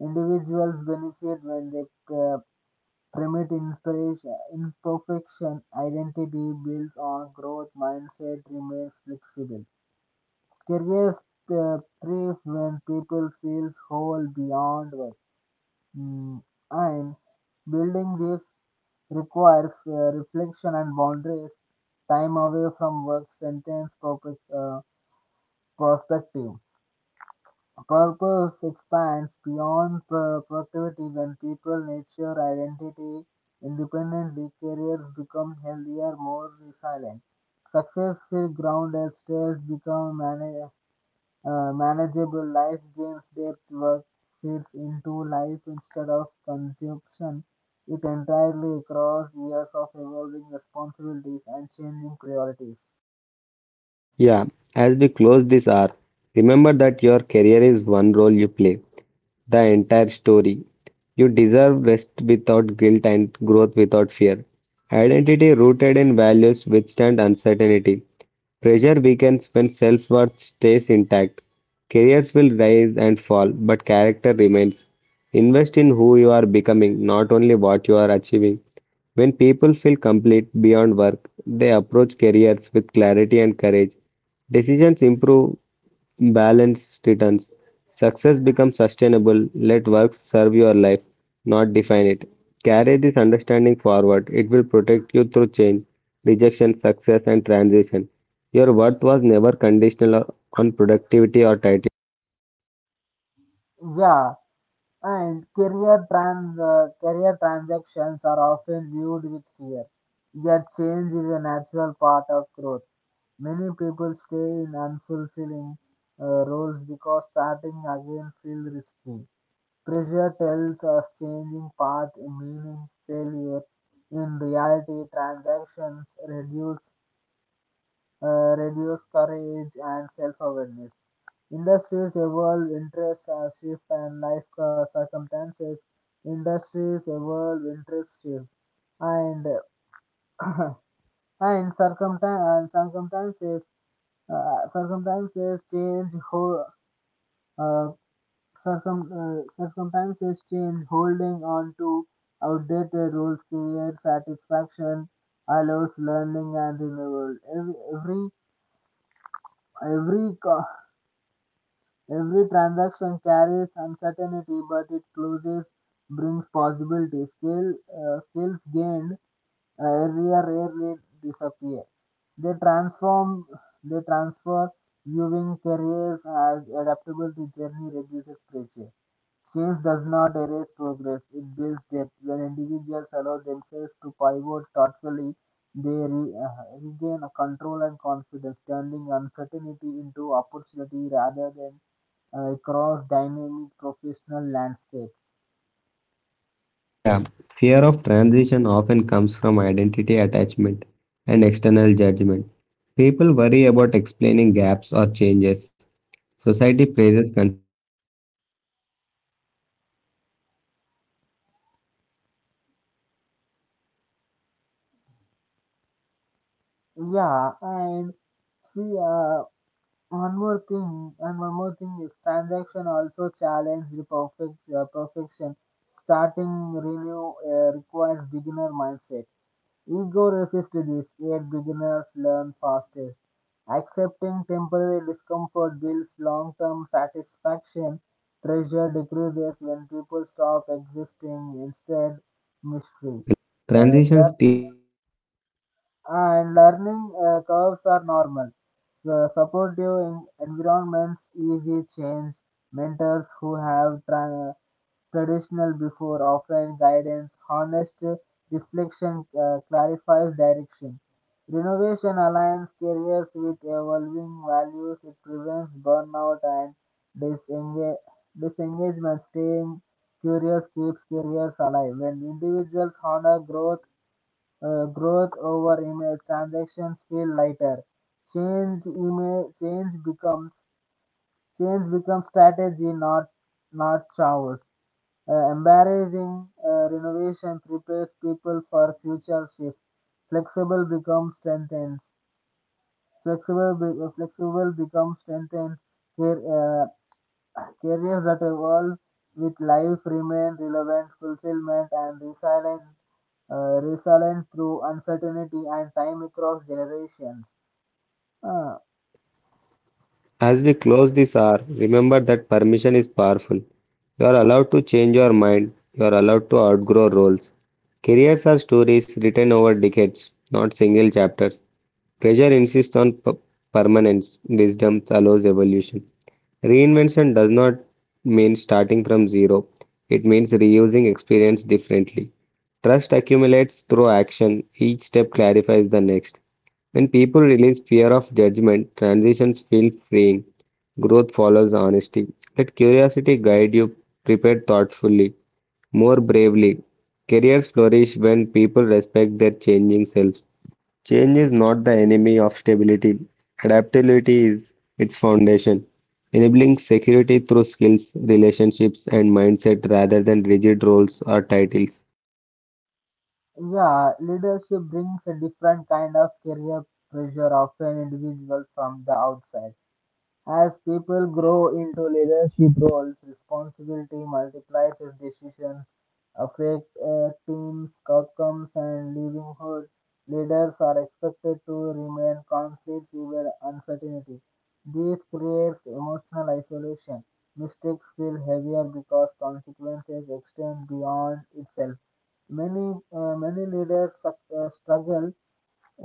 Speaker 1: Individuals benefit when they uh, permit inspiration, imperfection, identity builds on growth, mindset remains flexible. Careers uh, thrive when people feel whole beyond work. Mm, and building this requires uh, reflection and boundaries. Time away from work strengthens purpose, uh, perspective. Purpose expands beyond pro- productivity when people nurture identity independently. Careers become healthier, more resilient. Success feels grounded, stress becomes mana- uh, manageable, life gains depth, work fits into life instead of consumption. It entirely across years of evolving responsibilities and changing priorities.
Speaker 2: Yeah, as we close this hour, remember that your career is one role you play, the entire story. You deserve rest without guilt and growth without fear. Identity rooted in values withstand uncertainty. Pressure weakens when self-worth stays intact. Careers will rise and fall, but character remains. Invest in who you are becoming, not only what you are achieving. When people feel complete beyond work, they approach careers with clarity and courage. Decisions improve. Balanced returns. Success becomes sustainable. Let work serve your life, not define it. Carry this understanding forward. It will protect you through change, rejection, success, and transition. Your worth was never conditional on productivity or title.
Speaker 1: Yeah, and career trans uh, career transactions are often viewed with fear. Yet change is a natural part of growth. Many people stay in unfulfilling uh, roles because starting again feels risky. Pressure tells us changing path meaning failure. In reality, transactions reduce uh, reduce courage and self-awareness. Industries evolve, interests uh, shift, and life uh, circumstances. Industries evolve, interests shift, and and circumstance and circumstances uh, circumstances change. Ho- uh, circum uh, Circumstances change. Holding on to outdated rules creates satisfaction, allows learning and renewal. Every every every co- Every transaction carries uncertainty, but it closes brings possibility. Skill, uh, skills gained uh, earlier rarely disappear. They transform, they transfer viewing careers as adaptability journey reduces pressure. Change does not erase progress; it builds depth. When individuals allow themselves to pivot thoughtfully, they re- uh, regain control and confidence, turning uncertainty into opportunity rather than across dynamic professional landscape.
Speaker 2: Yeah, fear of transition often comes from identity attachment and external judgment. People worry about explaining gaps or changes. Society praises consistency without considering fulfillment. However, many fin- meaningful careers are non-linear. Transitions teach resilience, humility, and curiosity.
Speaker 1: Yeah, and see, uh, one more thing, and one more thing is transaction also challenge the perfect uh, perfection. Starting renew uh, requires beginner mindset. Ego resists this, yet beginners learn fastest. Accepting temporary discomfort builds long term satisfaction. Pressure decreases when people stop existing, instead, mystery. Uh, learning and Learning uh, curves are normal. The supportive en- environments, easy change, mentors who have tra- traditional before offline guidance, honest uh, reflection uh, clarifies direction. Renovation aligns careers with evolving values, it prevents burnout and disenga- disengagement. Staying curious keeps careers alive. When individuals honor growth, uh, growth over image, transactions feel lighter. Change image, change becomes Change becomes strategy, not not chaos. Uh, embarrassing uh, renovation prepares people for future shift. Flexible becomes strengthens. Flexible, be- uh, flexible becomes strengthens. Car- uh, careers that evolve with life remain relevant, fulfillment, and resilient, uh, resilient through uncertainty and time across generations. Uh,
Speaker 2: As we close this hour, remember that permission is powerful. You are allowed to change your mind, you are allowed to outgrow roles. Careers are stories written over decades, not single chapters. Pressure insists on p- permanence, wisdom allows evolution. Reinvention does not mean starting from zero, it means reusing experience differently. Trust accumulates through action, each step clarifies the next. When people release fear of judgment, transitions feel freeing. Growth follows honesty. Let curiosity guide you, prepare thoughtfully, more bravely. Careers flourish when people respect their changing selves. Change is not the enemy of stability. Adaptability is its foundation, enabling security through skills, relationships, and mindset rather than rigid roles or titles.
Speaker 1: yeah, leadership brings a different kind of career pressure, often individual from the outside. As people grow into leadership roles, responsibility multiplies as decisions affect uh, teams' outcomes and livelihood. Leaders are expected to remain conflicts even uncertainty. This creates emotional isolation. Mistakes feel heavier because consequences extend beyond itself. Many uh, many leaders suc- uh, struggle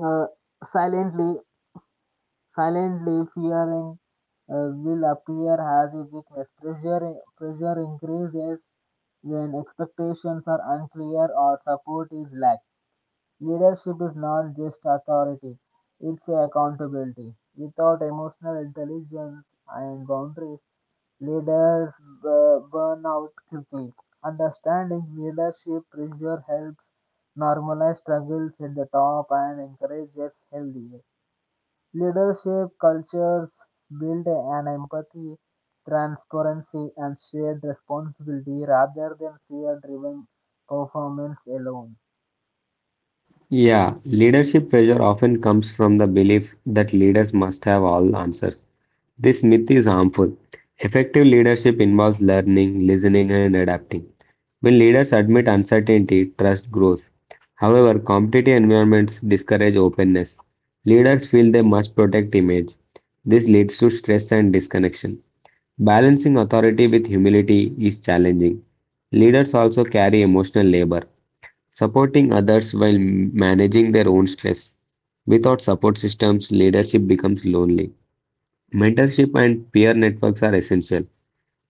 Speaker 1: uh, silently. Silently, fearing uh, will appear as if weakness. Pressure, pressure increases when expectations are unclear or support is lacked. Leadership is not just authority, it's a accountability. Without emotional intelligence and boundaries, leaders uh, burn out quickly. Understanding leadership pressure helps normalize struggles at the top and encourages healthy. Leadership cultures build an empathy, transparency, and shared responsibility rather than fear driven performance alone.
Speaker 2: Yeah, leadership pressure often comes from the belief that leaders must have all answers. This myth is harmful. Effective leadership involves learning, listening, and adapting. When leaders admit uncertainty, trust grows. However, competitive environments discourage openness. Leaders feel they must protect image. This leads to stress and disconnection. Balancing authority with humility is challenging. Leaders also carry emotional labor, supporting others while managing their own stress. Without support systems, leadership becomes lonely. Mentorship and peer networks are essential.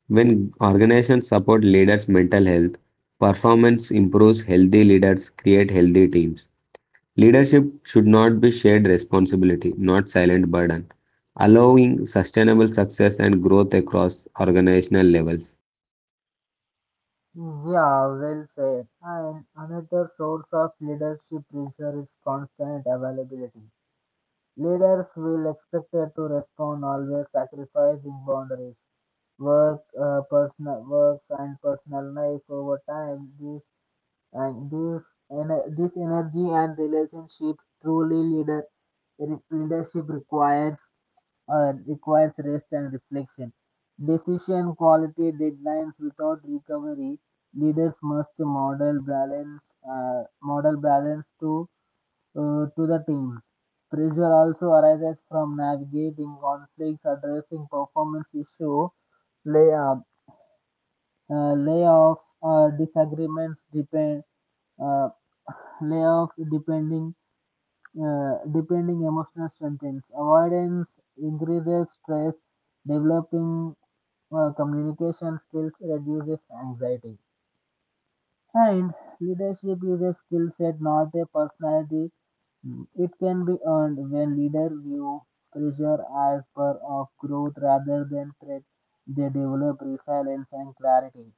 Speaker 2: When organizations support leaders' mental health, performance improves, healthy leaders create healthy teams. Leadership should not be shared responsibility, not silent burden, allowing sustainable success and growth across organizational levels.
Speaker 1: Yeah, well said. And another source of leadership pressure is constant availability. Leaders will expected to respond always sacrificing boundaries, work, uh, personal works, and personal life over time. These and This ener- this energy and relationships truly leader re- leadership requires uh, requires rest and reflection. Decision quality deadlines without recovery, leaders must model balance, uh, model balance to uh, to the teams. Pressure also arises from navigating conflicts addressing performance issue lay, uh, uh, layoffs uh, disagreements depend uh, layoff depending uh, depending emotional strengthens avoidance increases stress. Developing uh, communication skills reduces anxiety, and leadership is a skill set not a personality. Mm, it can be earned when leaders view pressure as part of growth rather than threat, they develop resilience and clarity.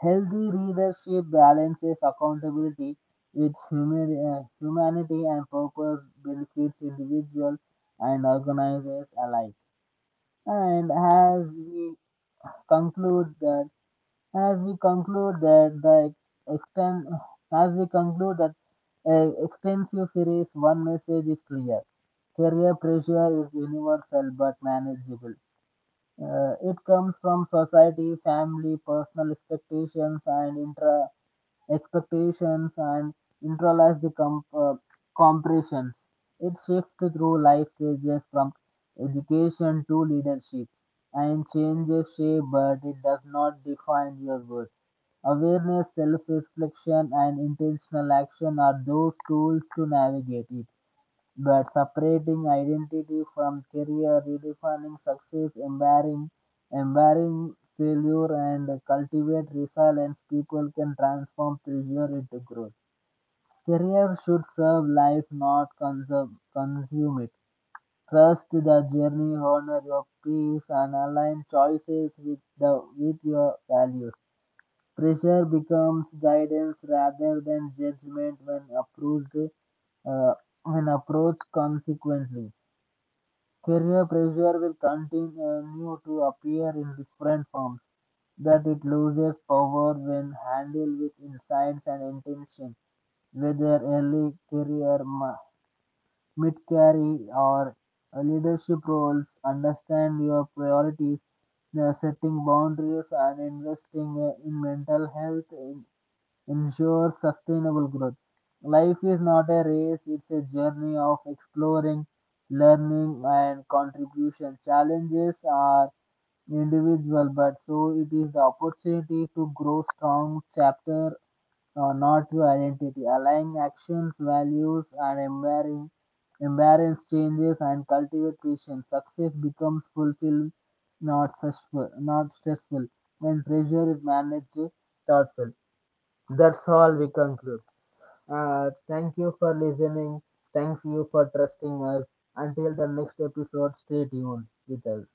Speaker 1: Healthy leadership balances accountability with humi- uh, humanity, and purpose benefits individuals and organizations alike. And as we conclude that, as we conclude that the extent, as we conclude that uh, extensive series, one message is clear: career pressure is universal but manageable. Uh, it comes from society, family, personal expectations, and intra expectations and internalize the com- uh, compressions. It shifts through life stages from education to leadership and changes shape, but it does not define your worth. Awareness, self reflection, and intentional action are those tools to navigate it. But separating identity from career, redefining success, embracing, embracing failure, and cultivate resilience, people can transform pressure into growth. Career should serve life, not consume, consume it. Trust the journey, honor your peace, and align choices with the with your values. Pressure becomes guidance rather than judgment when approached uh, when approached consequently. Career pressure will continue to appear in different forms, that it loses power when handled with insights and intention, whether early career, mid-career, or leadership roles. Understand your priorities, uh, setting boundaries, and investing uh, in mental health ensure sustainable growth. Life is not a race, it's a journey of exploring, learning, and contribution. Challenges are individual, but so it is the opportunity to grow strong chapter, uh, not your identity. Aligning actions, values, and embracing embrace changes and cultivate patience. Success becomes fulfilled, not stressful. Not stressful when pressure is managed thoughtful. That's all we conclude. Uh, thank you for listening. Thanks you for trusting us. Until the next episode, stay tuned with us.